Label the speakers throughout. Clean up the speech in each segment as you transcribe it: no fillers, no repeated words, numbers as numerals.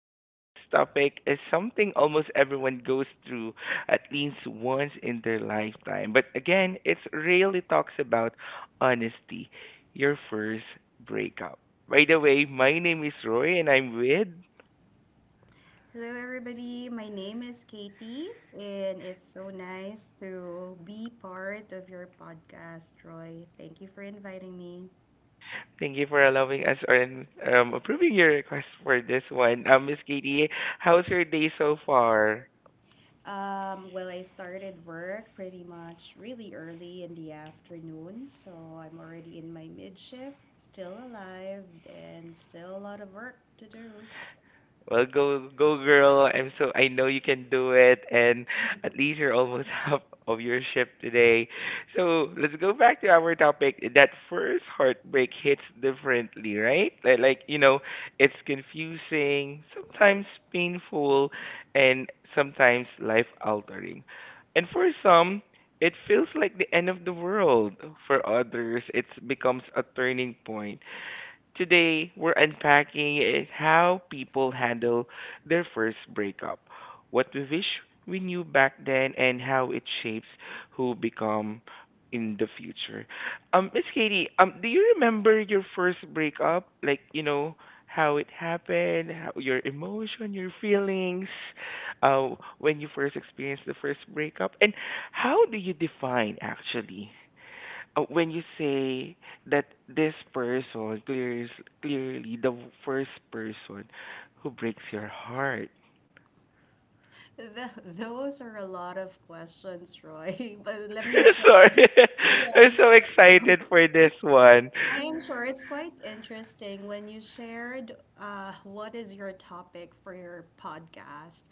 Speaker 1: Today's topic is something almost everyone goes through at least once in their lifetime. But again, it really talks about honesty, your first breakup. By the way, my name is Roy, and I'm with.
Speaker 2: Hello, everybody. My name is Katie, and it's so nice to be part of your podcast, Roy. Thank you for inviting me.
Speaker 1: Thank you for allowing us and approving your request for this one. Miss Katie, how's your day so far?
Speaker 2: Well, I started work pretty much really early in the afternoon, so I'm already in my mid shift, still alive, and still a lot of work to do.
Speaker 1: Well, go girl. I'm so I know you can do it and at least you're almost half of your shift today. So, let's go back to our topic. That first heartbreak hits differently, right? Like, it's confusing, sometimes painful, and sometimes life-altering. And for some, it feels like the end of the world. For others, it becomes a turning point. Today, we're unpacking is how people handle their first breakup, what we wish we knew back then, and how it shapes who become in the future. Miss Katie, do you remember your first breakup? How it happened, how, your emotion, your feelings, uh, when you first experienced the first breakup, and how do you define actually? When you say that this person clears clearly the first person who breaks your heart.
Speaker 2: Those are a lot of questions, Roy, but let me
Speaker 1: Sorry,
Speaker 2: try.
Speaker 1: I'm
Speaker 2: Yes.
Speaker 1: so excited for this one.
Speaker 2: I'm sure it's quite interesting when you shared what is your topic for your podcast.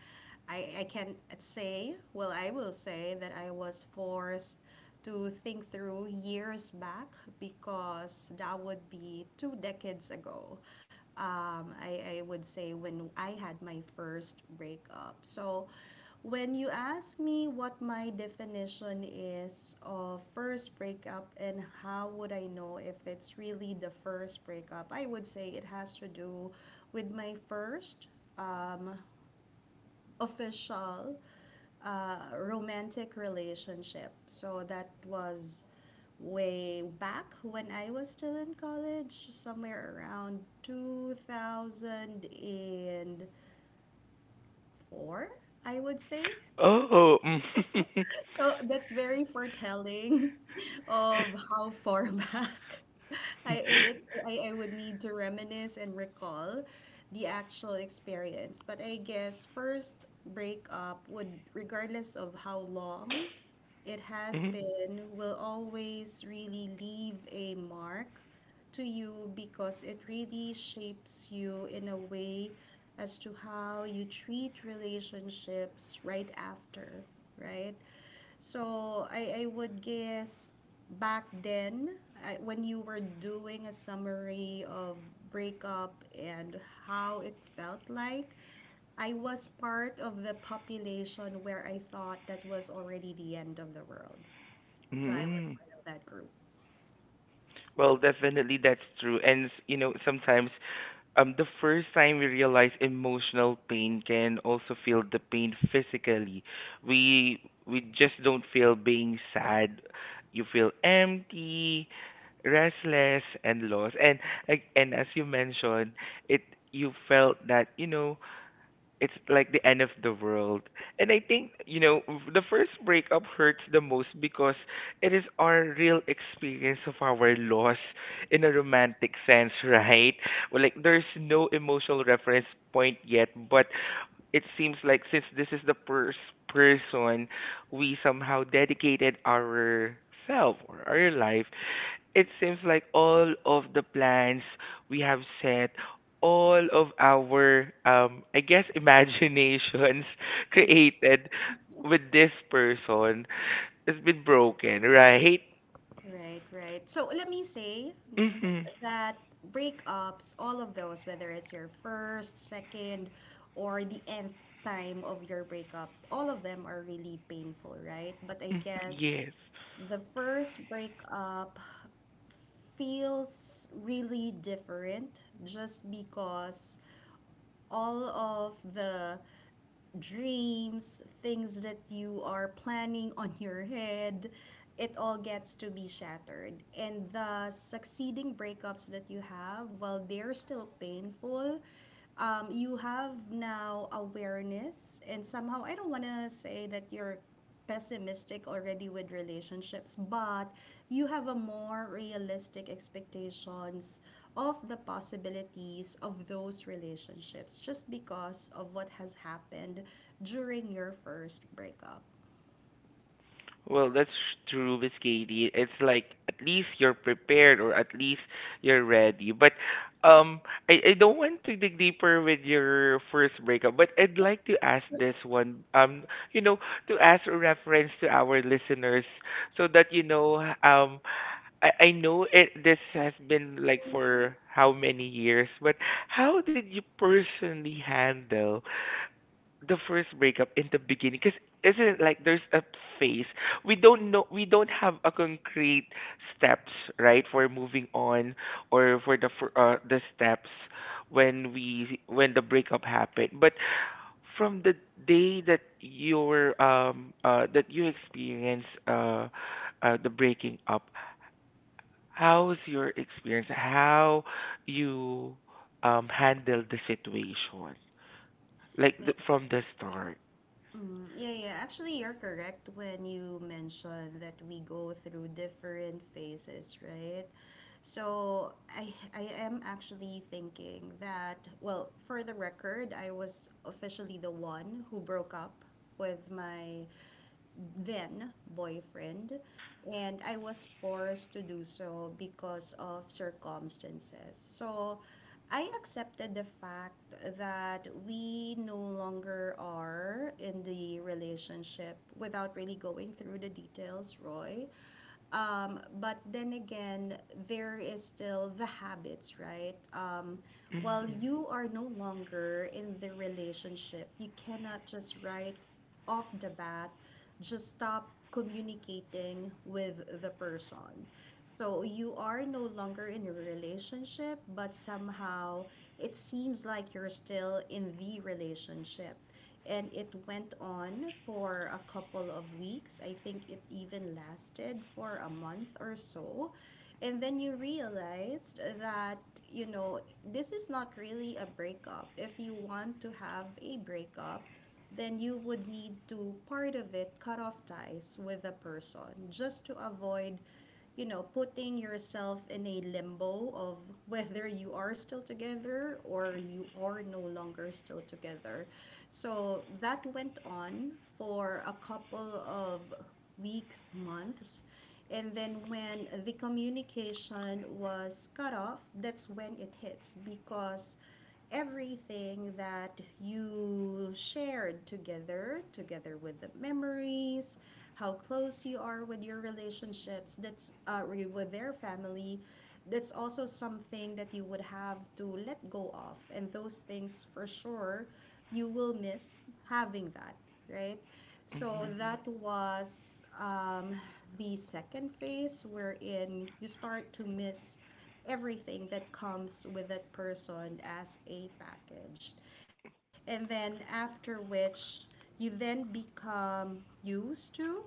Speaker 2: I can say, well, I will say that I was forced to think through years back because that would be two decades ago. I would say when I had my first breakup. So, when you ask me what my definition is of first breakup and how would I know if it's really the first breakup, I would say it has to do with my first um, official romantic relationship. So that was way back when I was still in college, somewhere around 2004, I would say.
Speaker 1: Oh,
Speaker 2: So that's very foretelling of how far back I it, it I would need to reminisce and recall the actual experience. But I guess first breakup would, regardless of how long it has
Speaker 1: mm.
Speaker 2: been, will always really leave a mark to you, because it really shapes you in a way as to how you treat relationships right after, right? So I would guess, back then, when you were doing a summary of breakup and how it felt like, I was part of the population where I thought that was already the end of the world. So I was
Speaker 1: Mhm.
Speaker 2: part of that group.
Speaker 1: Well, definitely that's true. And sometimes the first time we realize emotional pain can also feel the pain physically. We we just don't feel being sad. You feel empty, restless, and lost. And like and as you mentioned, it you felt that it's like the end of the world. And I think, the first breakup hurts the most because it is our real experience of our loss in a romantic sense, right? Well, like there's no emotional reference point yet, but it seems like since this is the first person we somehow dedicated ourself or our life it seems like all of the plans we have set, all of our, I guess, imaginations created with this person has been broken, right?
Speaker 2: Right, right. So let me say
Speaker 1: Hmm.
Speaker 2: that breakups, all of those, whether it's your first, second, or the nth time of your breakup, all of them are really painful, right? But I guess
Speaker 1: Yes.
Speaker 2: the first breakup feels really different just because all of the dreams, things that you are planning on your head, it all gets to be shattered. And the succeeding breakups that you have, while they're still painful, you have now awareness, and somehow I don't want to say that you're pessimistic already with relationships, but you have a more realistic expectations of the possibilities of those relationships, just because of what has happened during your first breakup.
Speaker 1: Well, that's true, Miss Katie. It's like at least you're prepared or at least you're ready. But um, I don't want to dig deeper with your first breakup, but I'd like to ask this one, you know, to ask a reference to our listeners so that, you know, um, I know it, this has been like for how many years, but how did you personally handle? The first breakup in the beginning because isn't it like there's a phase we don't know we don't have a concrete steps right for moving on or for the steps when we when the breakup happened but from the day that your that you experience the breaking up how's your experience how you handle the situation like the,
Speaker 2: May-
Speaker 1: from the start.
Speaker 2: Mm, yeah, yeah. Actually, you're correct when you mention that we go through different phases, right? So I am actually thinking that, well, for the record, I was officially the one who broke up with my then boyfriend, and I was forced to do so because of circumstances. So I accepted the fact that we no longer are in the relationship without really going through the details, Roy. But then again, there is still the habits, right? While
Speaker 1: Mhm.
Speaker 2: you are no longer in the relationship, you cannot just write off the bat just stop communicating with the person. So you are no longer in a relationship, but somehow it seems like you're still in the relationship. And it went on for a couple of weeks. I think it even lasted for a month or so. And then you realized that, this is not really a breakup. If you want to have a breakup, then you would need to part of it cut off ties with the person, just to avoid putting yourself in a limbo of whether you are still together or you are no longer still together. So that went on for a couple of weeks, months. And then when the communication was cut off, that's when it hits, because everything that you shared together, together with the memories, how close you are with your relationships, that's with their family. That's also something that you would have to let go of. And those things, for sure, you will miss having that, right? So
Speaker 1: Mhm.
Speaker 2: that was, the second phase wherein you start to miss everything that comes with that person as a package. And then after which you then become used to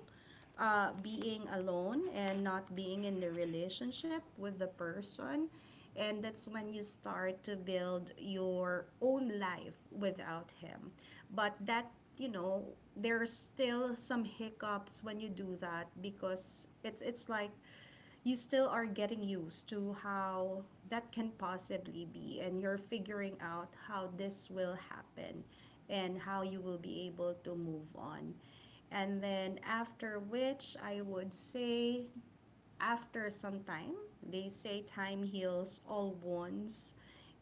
Speaker 2: being alone and not being in the relationship with the person. And that's when you start to build your own life without him. But that, you know, there's still some hiccups when you do that, because it's like you still are getting used to how that can possibly be, and you're figuring out how this will happen and how you will be able to move on. And then after which, I would say, after some time, they say time heals all wounds.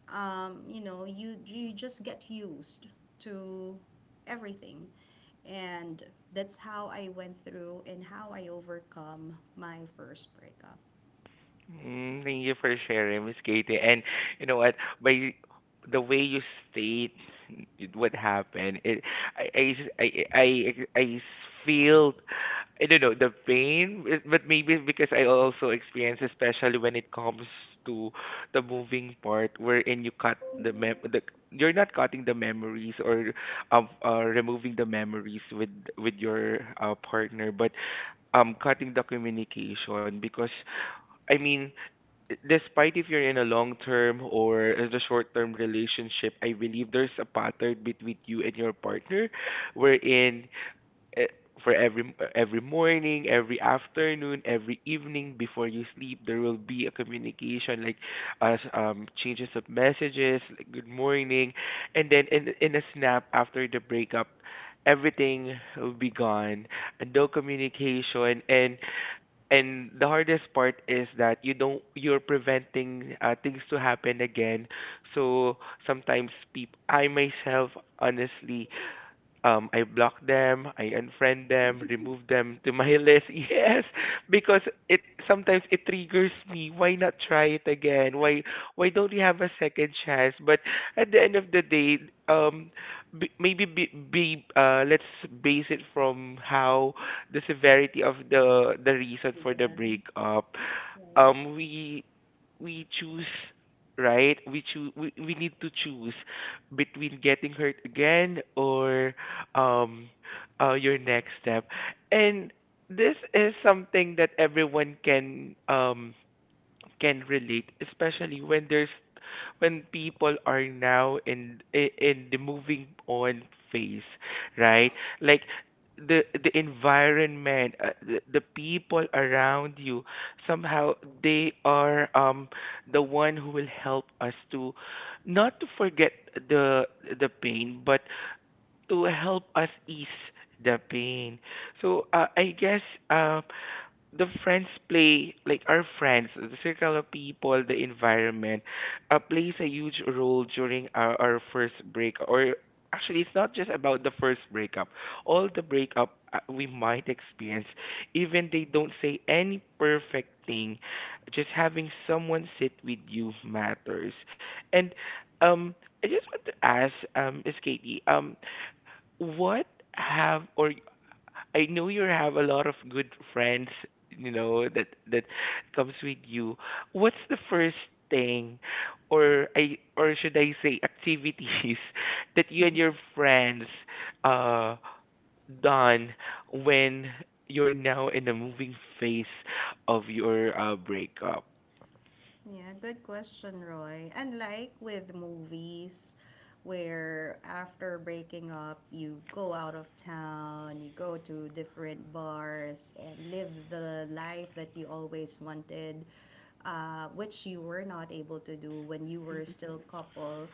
Speaker 2: You just get used to everything, and that's how I went through and how I overcome my first breakup.
Speaker 1: Mm, thank you for sharing, Miss Katie. And you know what? By the way you state it- what happened, it I I s- I I, I I s- feel I don't know the pain, but maybe it's because I also experience, especially when it comes to the moving part, wherein you cut the you're not cutting the memories or removing the memories with your partner, but cutting the communication because I mean, despite if you're in a long term or as a short term relationship, I believe there's a pattern between you and your partner wherein eh, for every morning, every afternoon, every evening before you sleep, there will be a communication like as changes of messages, like good morning, and then in a snap after the breakup, everything will be gone, no communication, and the hardest part is that you don't you're preventing things to happen again. So sometimes peop I myself honestly I block them, I unfriend them, remove them to my list. Yes, because it sometimes it triggers me. Why not try it again? Why don't we have a second chance? But at the end of the day, um, maybe be let's base it from how the severity of the reason for
Speaker 2: Is
Speaker 1: the
Speaker 2: that
Speaker 1: breakup
Speaker 2: right?
Speaker 1: um we we choose right we choose we need to choose between getting hurt again or um your next step and this is something that everyone can relate, especially when there's when people are now in the moving on phase, right? Like the environment, the people around you, somehow they are the one who will help us to not to forget the the pain, but to help us ease the pain. So I guess uh, the friends play like our friends the circle of people the environment plays a huge role during our first break or actually it's not just about the first breakup all the breakup we might experience even they don't say any perfect thing just having someone sit with you matters and um I just want to ask is Katie what have or I know you have a lot of good friends, you know, that that comes with you. What's the first thing or I or should I say activities that you and your friends uh done when you're now in the moving phase of your breakup?
Speaker 2: Yeah, good question, Roy. Unlike with movies, where after breaking up, you go out of town, you go to different bars, and live the life that you always wanted, which you were not able to do when you were still couple.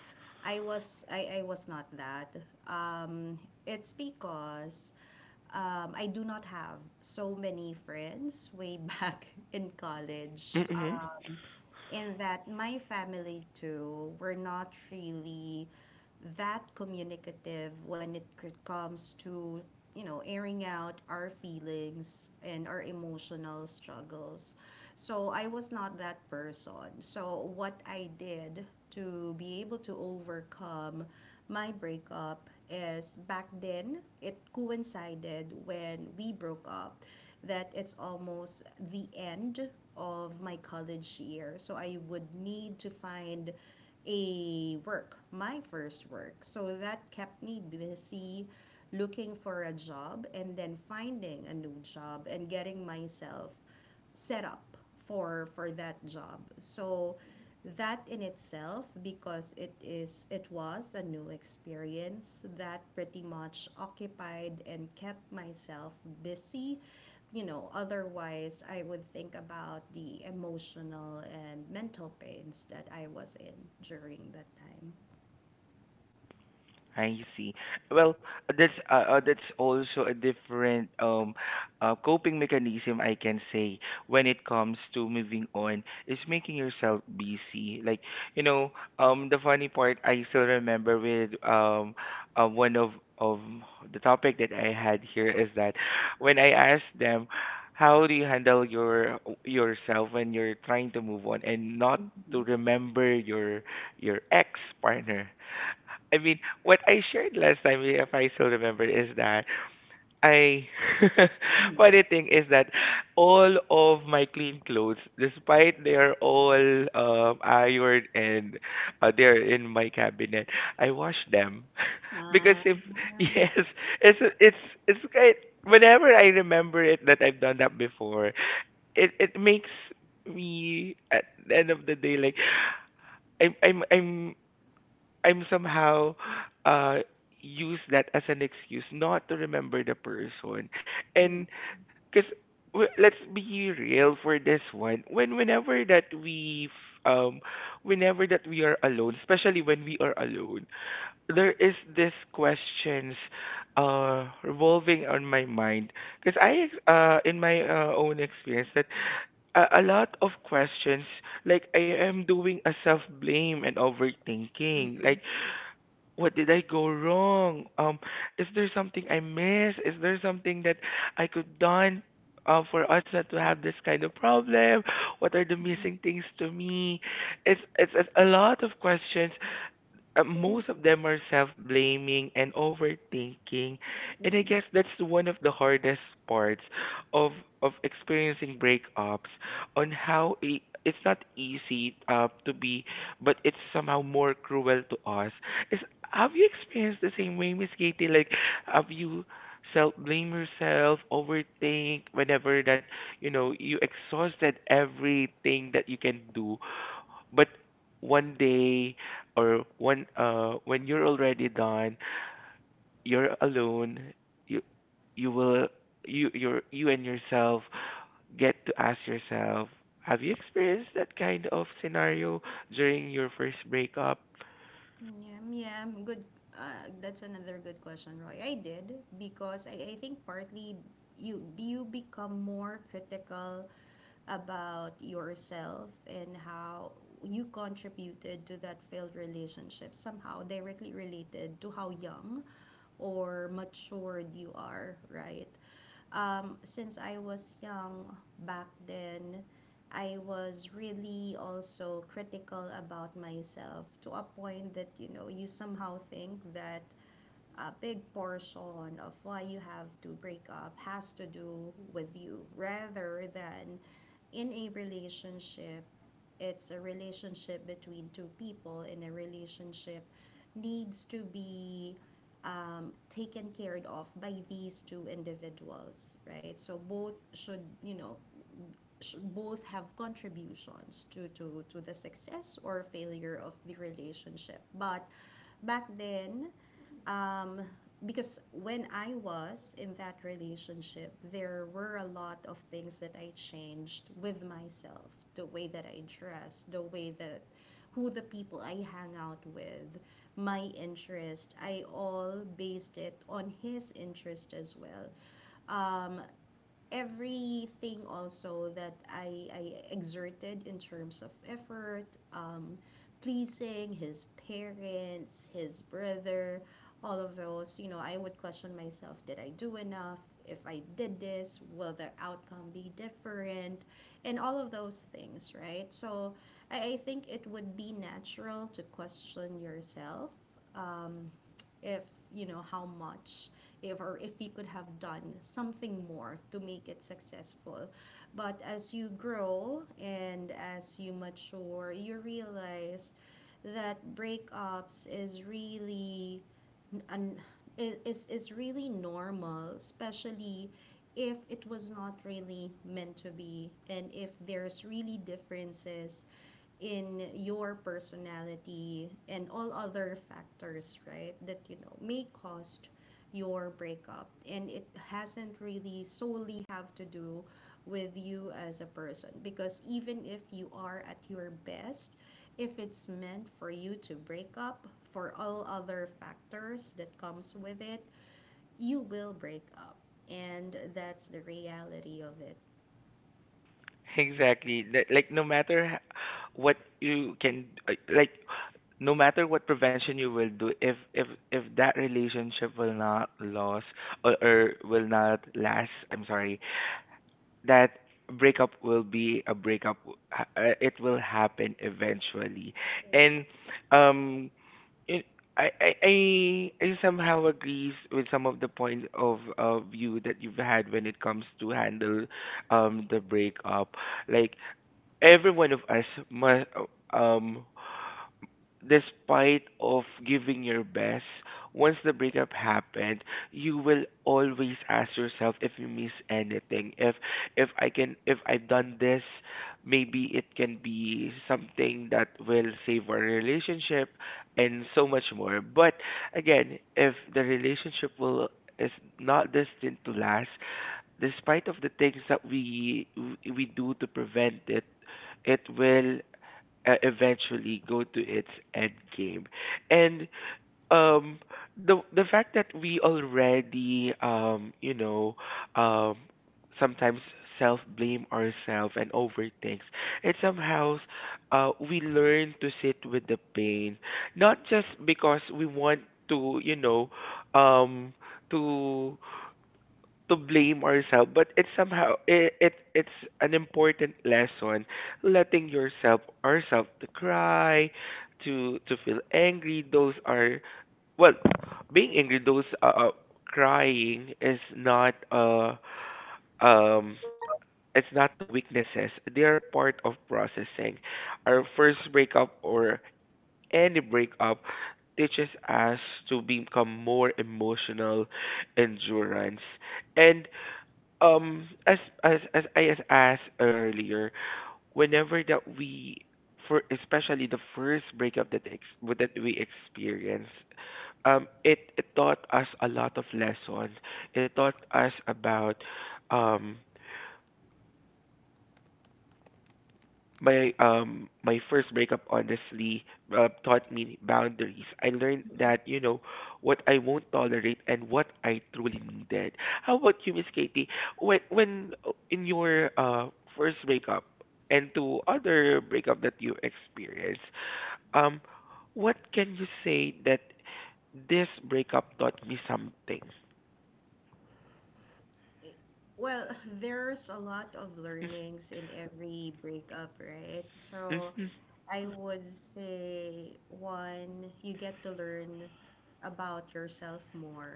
Speaker 2: I was not that. Um, it's because, I do not have so many friends way back in college,
Speaker 1: Mm-hmm.
Speaker 2: in that my family too were not really that communicative when it comes to airing out our feelings and our emotional struggles. So I was not that person. So what I did to be able to overcome my breakup is, back then, it coincided when we broke up that it's almost the end of my college year. So I would need to find a work, my first work. So that kept me busy looking for a job and then finding a new job and getting myself set up for that job. So that in itself, because it was a new experience, that pretty much occupied and kept myself busy. Otherwise I would think about the emotional and mental pains that I was in during that time.
Speaker 1: I see. Well, that's also a different coping mechanism I can say when it comes to moving on is making yourself busy. Like, you know, the funny part I still remember with one of the topic that I had here is that when I asked them how do you handle yourself when you're trying to move on and not
Speaker 2: Mm-hmm.
Speaker 1: to remember your ex partner. I mean, what I shared last time, if I still remember, is that I.
Speaker 2: Mm-hmm.
Speaker 1: Funny thing is that all of my clean clothes, despite they are all ironed and they're in my cabinet, I wash them because
Speaker 2: Ah,
Speaker 1: if yes, it's it's it's kind. Whenever I remember it that I've done that before, it makes me at the end of the day like I'm I'm I'm I'm somehow uh use that as an excuse not to remember the person.
Speaker 2: yeah.
Speaker 1: And because let's be real for this one, when whenever that we are alone, especially when we are alone, there is this questions revolving on my mind because in my own experience that a lot of questions like I am doing a self blame and overthinking like
Speaker 2: Mm-mm.
Speaker 1: what did I go wrong? Is there something I missed? Is there something that I could done for us
Speaker 2: Right.
Speaker 1: not to have this kind of problem? What are the
Speaker 2: Mm-mm.
Speaker 1: missing things to me? It's a lot of questions, most of them are self-blaming and overthinking and I
Speaker 2: Mm-mm.
Speaker 1: guess that's one of the hardest parts of of experiencing breakups on how it's not easy to be but it's somehow more cruel to us is have you experienced the same way Miss Katie? Like have you self blame yourself overthink whenever that you know you exhausted everything that you can do but one day or when you're already done, you're alone, you you will you and yourself get to ask yourself, have you experienced that kind of scenario during your first breakup?
Speaker 2: Yum, yum. Good. That's another good question, Roy. I did, because I think partly you become more critical about yourself, and how you contributed to that failed relationship somehow directly related to how young or matured you are, right? Since I was young back then, I was really also critical about myself, to a point that you somehow think that a big portion of why you have to break up has to do with you, rather than, in a relationship, it's a relationship between two people, and a relationship needs to be taken care of by these two individuals, right? So both should, both have contributions to the success or failure of the relationship. But back then, um, because when I was in that relationship, there were a lot of things that I changed with myself, the way that I dress, the way that, who the people I hang out with, my interest. I all based it on his interest as well. Um, Everything also that I exerted in terms of effort, um, pleasing his parents, his brother, all of those, I would question myself, did I do enough? If I did this, will the outcome be different? And all of those things, right? So I think it would be natural to question yourself. Um, if you know how much, if or if we could have done something more to make it successful. But as you grow and as you mature, you realize that breakups is really un, is really normal, especially if it was not really meant to be, and if there's really differences in your personality and all other factors, right? That may cause your breakup, and it hasn't really solely have to do with you as a person, because even if you are at your best, if it's meant for you to break up, for all other factors that comes with it, you will break up. And that's the reality of it.
Speaker 1: Exactly. Like no matter h- what you can like no matter what prevention you will do if if that relationship will not last or will not last, I'm sorry, that breakup will be a breakup it will happen eventually and um it, I somehow agrees with some of the points of view that you've had when it comes to handle the breakup like every one of us must um despite of giving your best once the breakup happened you will always ask yourself if you miss anything if I can if I've done this maybe it can be something that will save our relationship and so much more but again if the relationship will is not destined to last despite of the things that we do to prevent it it will eventually go to its end game. And um, the fact that we already you know um, sometimes self blame ourselves and overthink, and somehow we learn to sit with the pain, not just because we want to you know um, to to blame ourselves, but it's somehow it it's an important lesson. Letting yourself ourselves to cry, to feel angry. Those are well, being angry. Those crying is not um it's not a weaknesses. They are part of processing. Our first breakup or any breakup teaches us to become more emotional endurance and um as as I as asked earlier, whenever that we for especially the first breakup that that we experienced, it taught us a lot of lessons. It taught us about um my first breakup honestly taught me boundaries. I learned that, you know, what I won't
Speaker 2: Mm-mm.
Speaker 1: tolerate and what I truly needed. How about you, Miss Katie? When in your first breakup and to other breakup that you experienced, um what can you say that this breakup taught me something?
Speaker 2: Well, there's a lot of
Speaker 1: Mm-hmm.
Speaker 2: learnings in every breakup, right? So
Speaker 1: Mm-hmm,
Speaker 2: I would say, one, you get to learn about yourself more,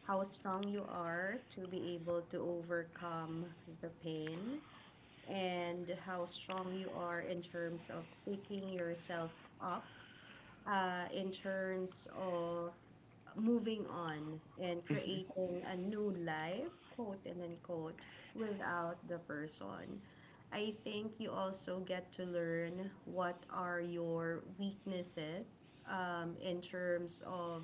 Speaker 2: how strong you are to be able to overcome the pain, and how strong you are in terms of picking yourself up, in terms of moving on and
Speaker 1: mm-hmm,
Speaker 2: creating a new life, quote and unquote, without the person. I think you also get to learn what are your weaknesses, in terms of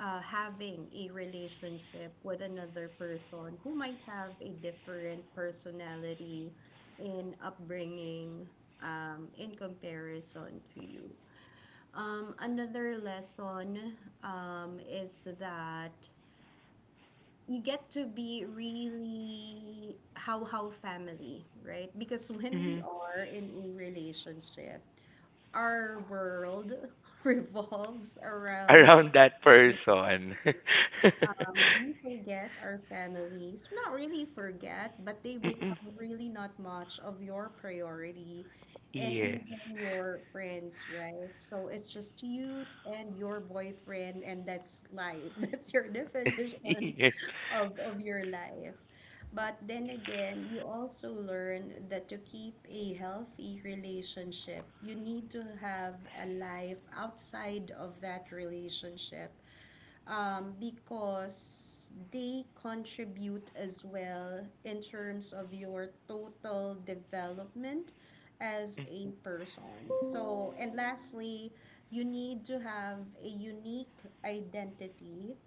Speaker 2: having a relationship with another person who might have a different personality in upbringing, in comparison to you. Another lesson, is that you get to be really how family, right? Because when we
Speaker 1: mm-hmm.
Speaker 2: are in a relationship, our world revolves around,
Speaker 1: Around that person.
Speaker 2: we forget our families. Not really forget, but they
Speaker 1: Mm-mm.
Speaker 2: become really not much of your priority, and
Speaker 1: Yes.
Speaker 2: even your friends, right? So it's just you and your boyfriend, and that's life. That's your definition
Speaker 1: Yes.
Speaker 2: of your life. But then again, you also learn that to keep a healthy relationship, you need to have a life outside of that relationship, because they contribute as well in terms of your total development as
Speaker 1: Mm-mm.
Speaker 2: a person. So, and lastly, you need to have a unique identity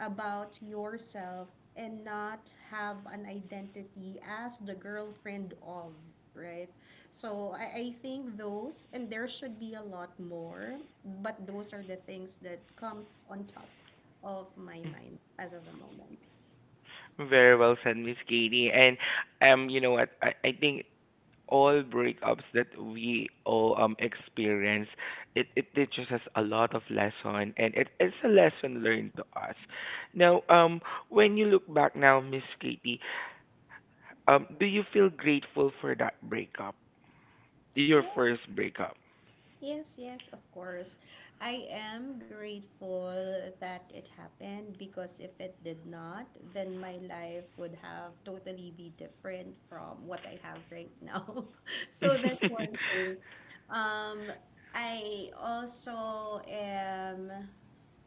Speaker 2: about yourself and not have an identity as the girlfriend of, right? So I think those, and there should be a lot more, but those are the things that comes on top of my mind as of the moment.
Speaker 1: Very well said, Miss Katie. And you know what? I think all breakups that we all experience, it teaches us a lot of lesson and it's a lesson learned to us. Now, when you look back now, Miss Katie, do you feel grateful for that breakup? Your
Speaker 2: Yeah.
Speaker 1: first breakup?
Speaker 2: Yes, yes, of course. I am grateful that it happened because if it did not, then my life would have totally be different from what I have right now. So that's one thing. Um, I also am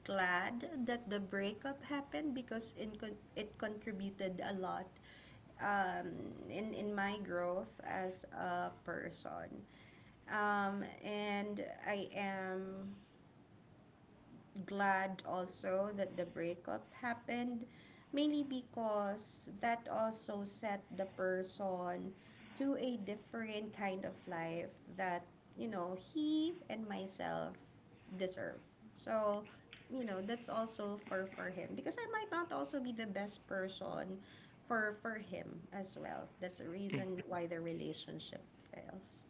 Speaker 2: glad that the breakup happened because it contributed a lot, um, in my growth as a person. And I am glad also that the breakup happened, mainly because that also set the person to a different kind of life that, you know, he and myself deserve. So, you know, that's also for him because I might not also be the best person for him as well. That's the reason why the relationship fails.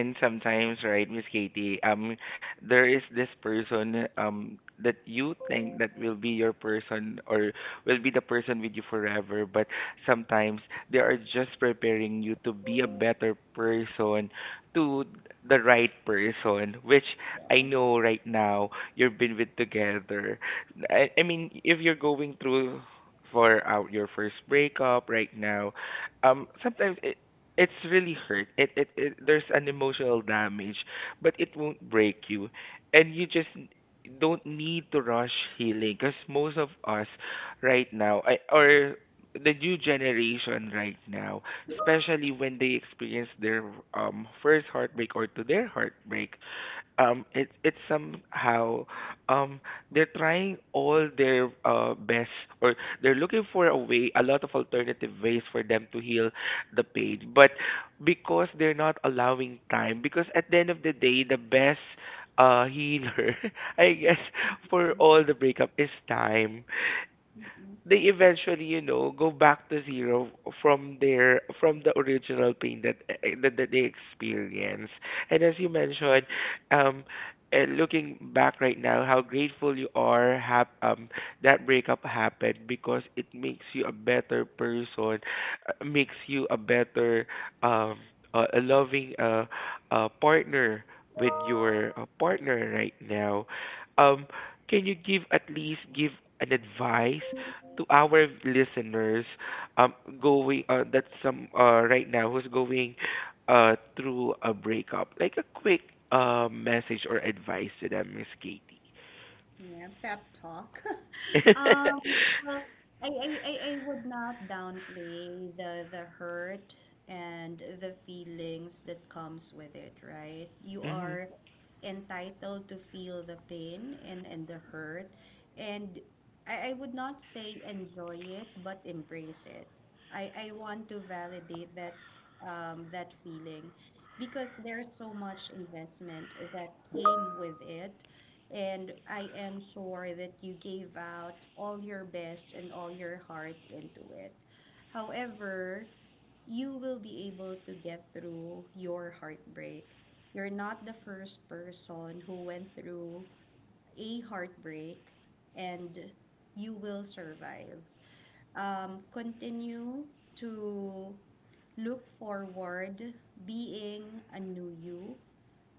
Speaker 1: And sometimes, right, Miss Katie, there is this person that you think that will be your person or will be the person with you forever, but sometimes they are just preparing you to be a better person to the right person, which I know right now you've been with together. I mean, if you're going through for out your first breakup right now, sometimes it, it's really hurt. It there's an emotional damage, but it won't break you, and you just don't need to rush healing. Cause most of us right now, I, or the new generation right now, especially when they experience their first heartbreak or to their heartbreak, it's somehow um they're trying all their best or they're looking for a way a lot of alternative ways for them to heal the pain but because they're not allowing time because at the end of the day the best healer I guess for all the breakup is time. They eventually, you know, go back to zero from their from the original pain that that they experience. And as you mentioned, um, looking back right now, how grateful you are that breakup happened because it makes you a better person, makes you a better um a loving partner with your partner right now. Um, can you give at least give an advice to our listeners um going that's some right now who's going through a breakup, like a quick message or advice to them, Miss Katie?
Speaker 2: Yeah, pep talk. Um, well, I would not downplay the hurt and the feelings that comes with it, right? You
Speaker 1: Mm-hmm.
Speaker 2: are entitled to feel the pain and the hurt. And I would not say enjoy it, but embrace it. I want to validate that, that feeling because there's so much investment that came with it. And I am sure that you gave out all your best and all your heart into it. However, you will be able to get through your heartbreak. You're not the first person who went through a heartbreak and you will survive. Continue to look forward being a new you.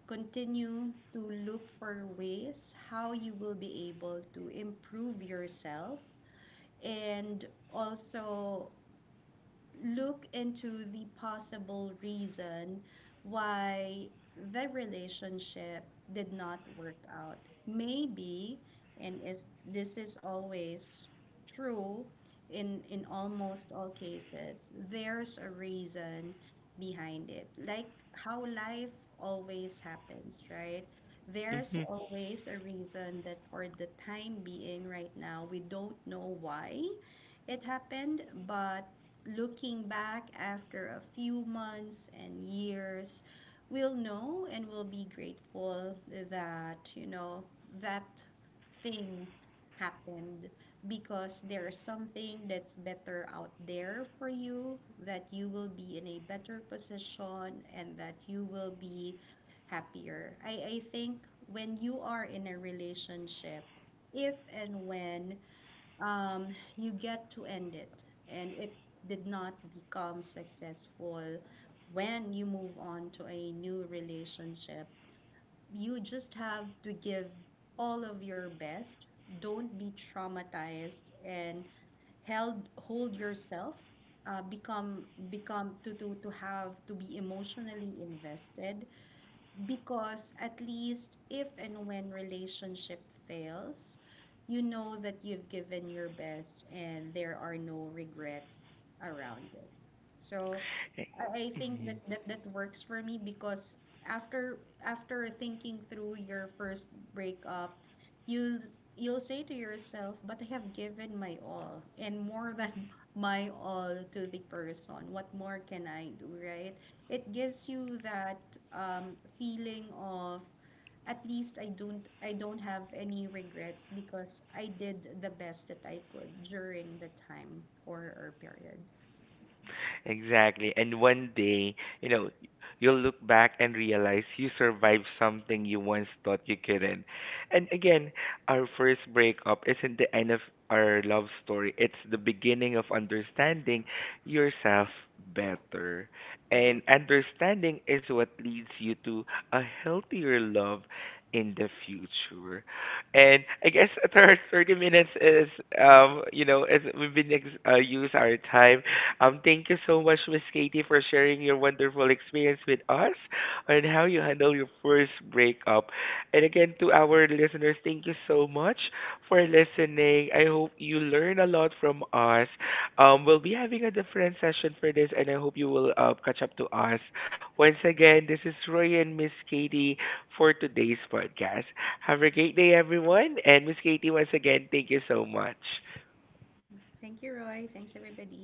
Speaker 2: Continue to look for ways how you will be able to improve yourself and also look into the possible reason why the relationship did not work out. Maybe, and is this is always true in almost all cases, there's a reason behind it. Like how life always happens, right? There's always a reason that for the time being right now, we don't know why it happened, but looking back after a few months and years, we'll know and we'll be grateful that, you know, that thing happened because there's something that's better out there for you that you will be in a better position and that you will be happier. I think when you are in a relationship, if and when um, you get to end it and it did not become successful when you move on to a new relationship you just have to give all of your best. Don't be traumatized and held hold yourself. Become become to have to be emotionally invested because at least if and when relationship fails you know that you've given your best and there are no regrets around it so I
Speaker 1: Hey,
Speaker 2: I think
Speaker 1: mm-hmm.
Speaker 2: that works for me because after after thinking through your first breakup, you'll you'll say to yourself, "But I have given my all and more than my all to the person. What more can I do, right?" It gives you that feeling of at least I don't have any regrets because I did the best that I could during the time or period.
Speaker 1: Exactly. And one day, you know, you'll look back and realize you survived something you once thought you couldn't. And again, our first breakup isn't the end of our love story, it's the beginning of understanding yourself better.
Speaker 2: Right.
Speaker 1: And understanding is what leads you to a healthier love in the future. And I guess a 30 minutes is, you know, as we've been use our time, thank you so much, Miss Katie, for sharing your wonderful experience with us on how you handle your first breakup. And again, to our listeners, thank you so much for listening. I hope you learn a lot from us. We'll be having a different session for this, and I hope you will catch up to us. Once again, this is Roy and Miss Katie for today's podcast. Have a great day, everyone. And Miss Katie, once again, thank you so much.
Speaker 2: Thank you, Roy. Thanks, everybody.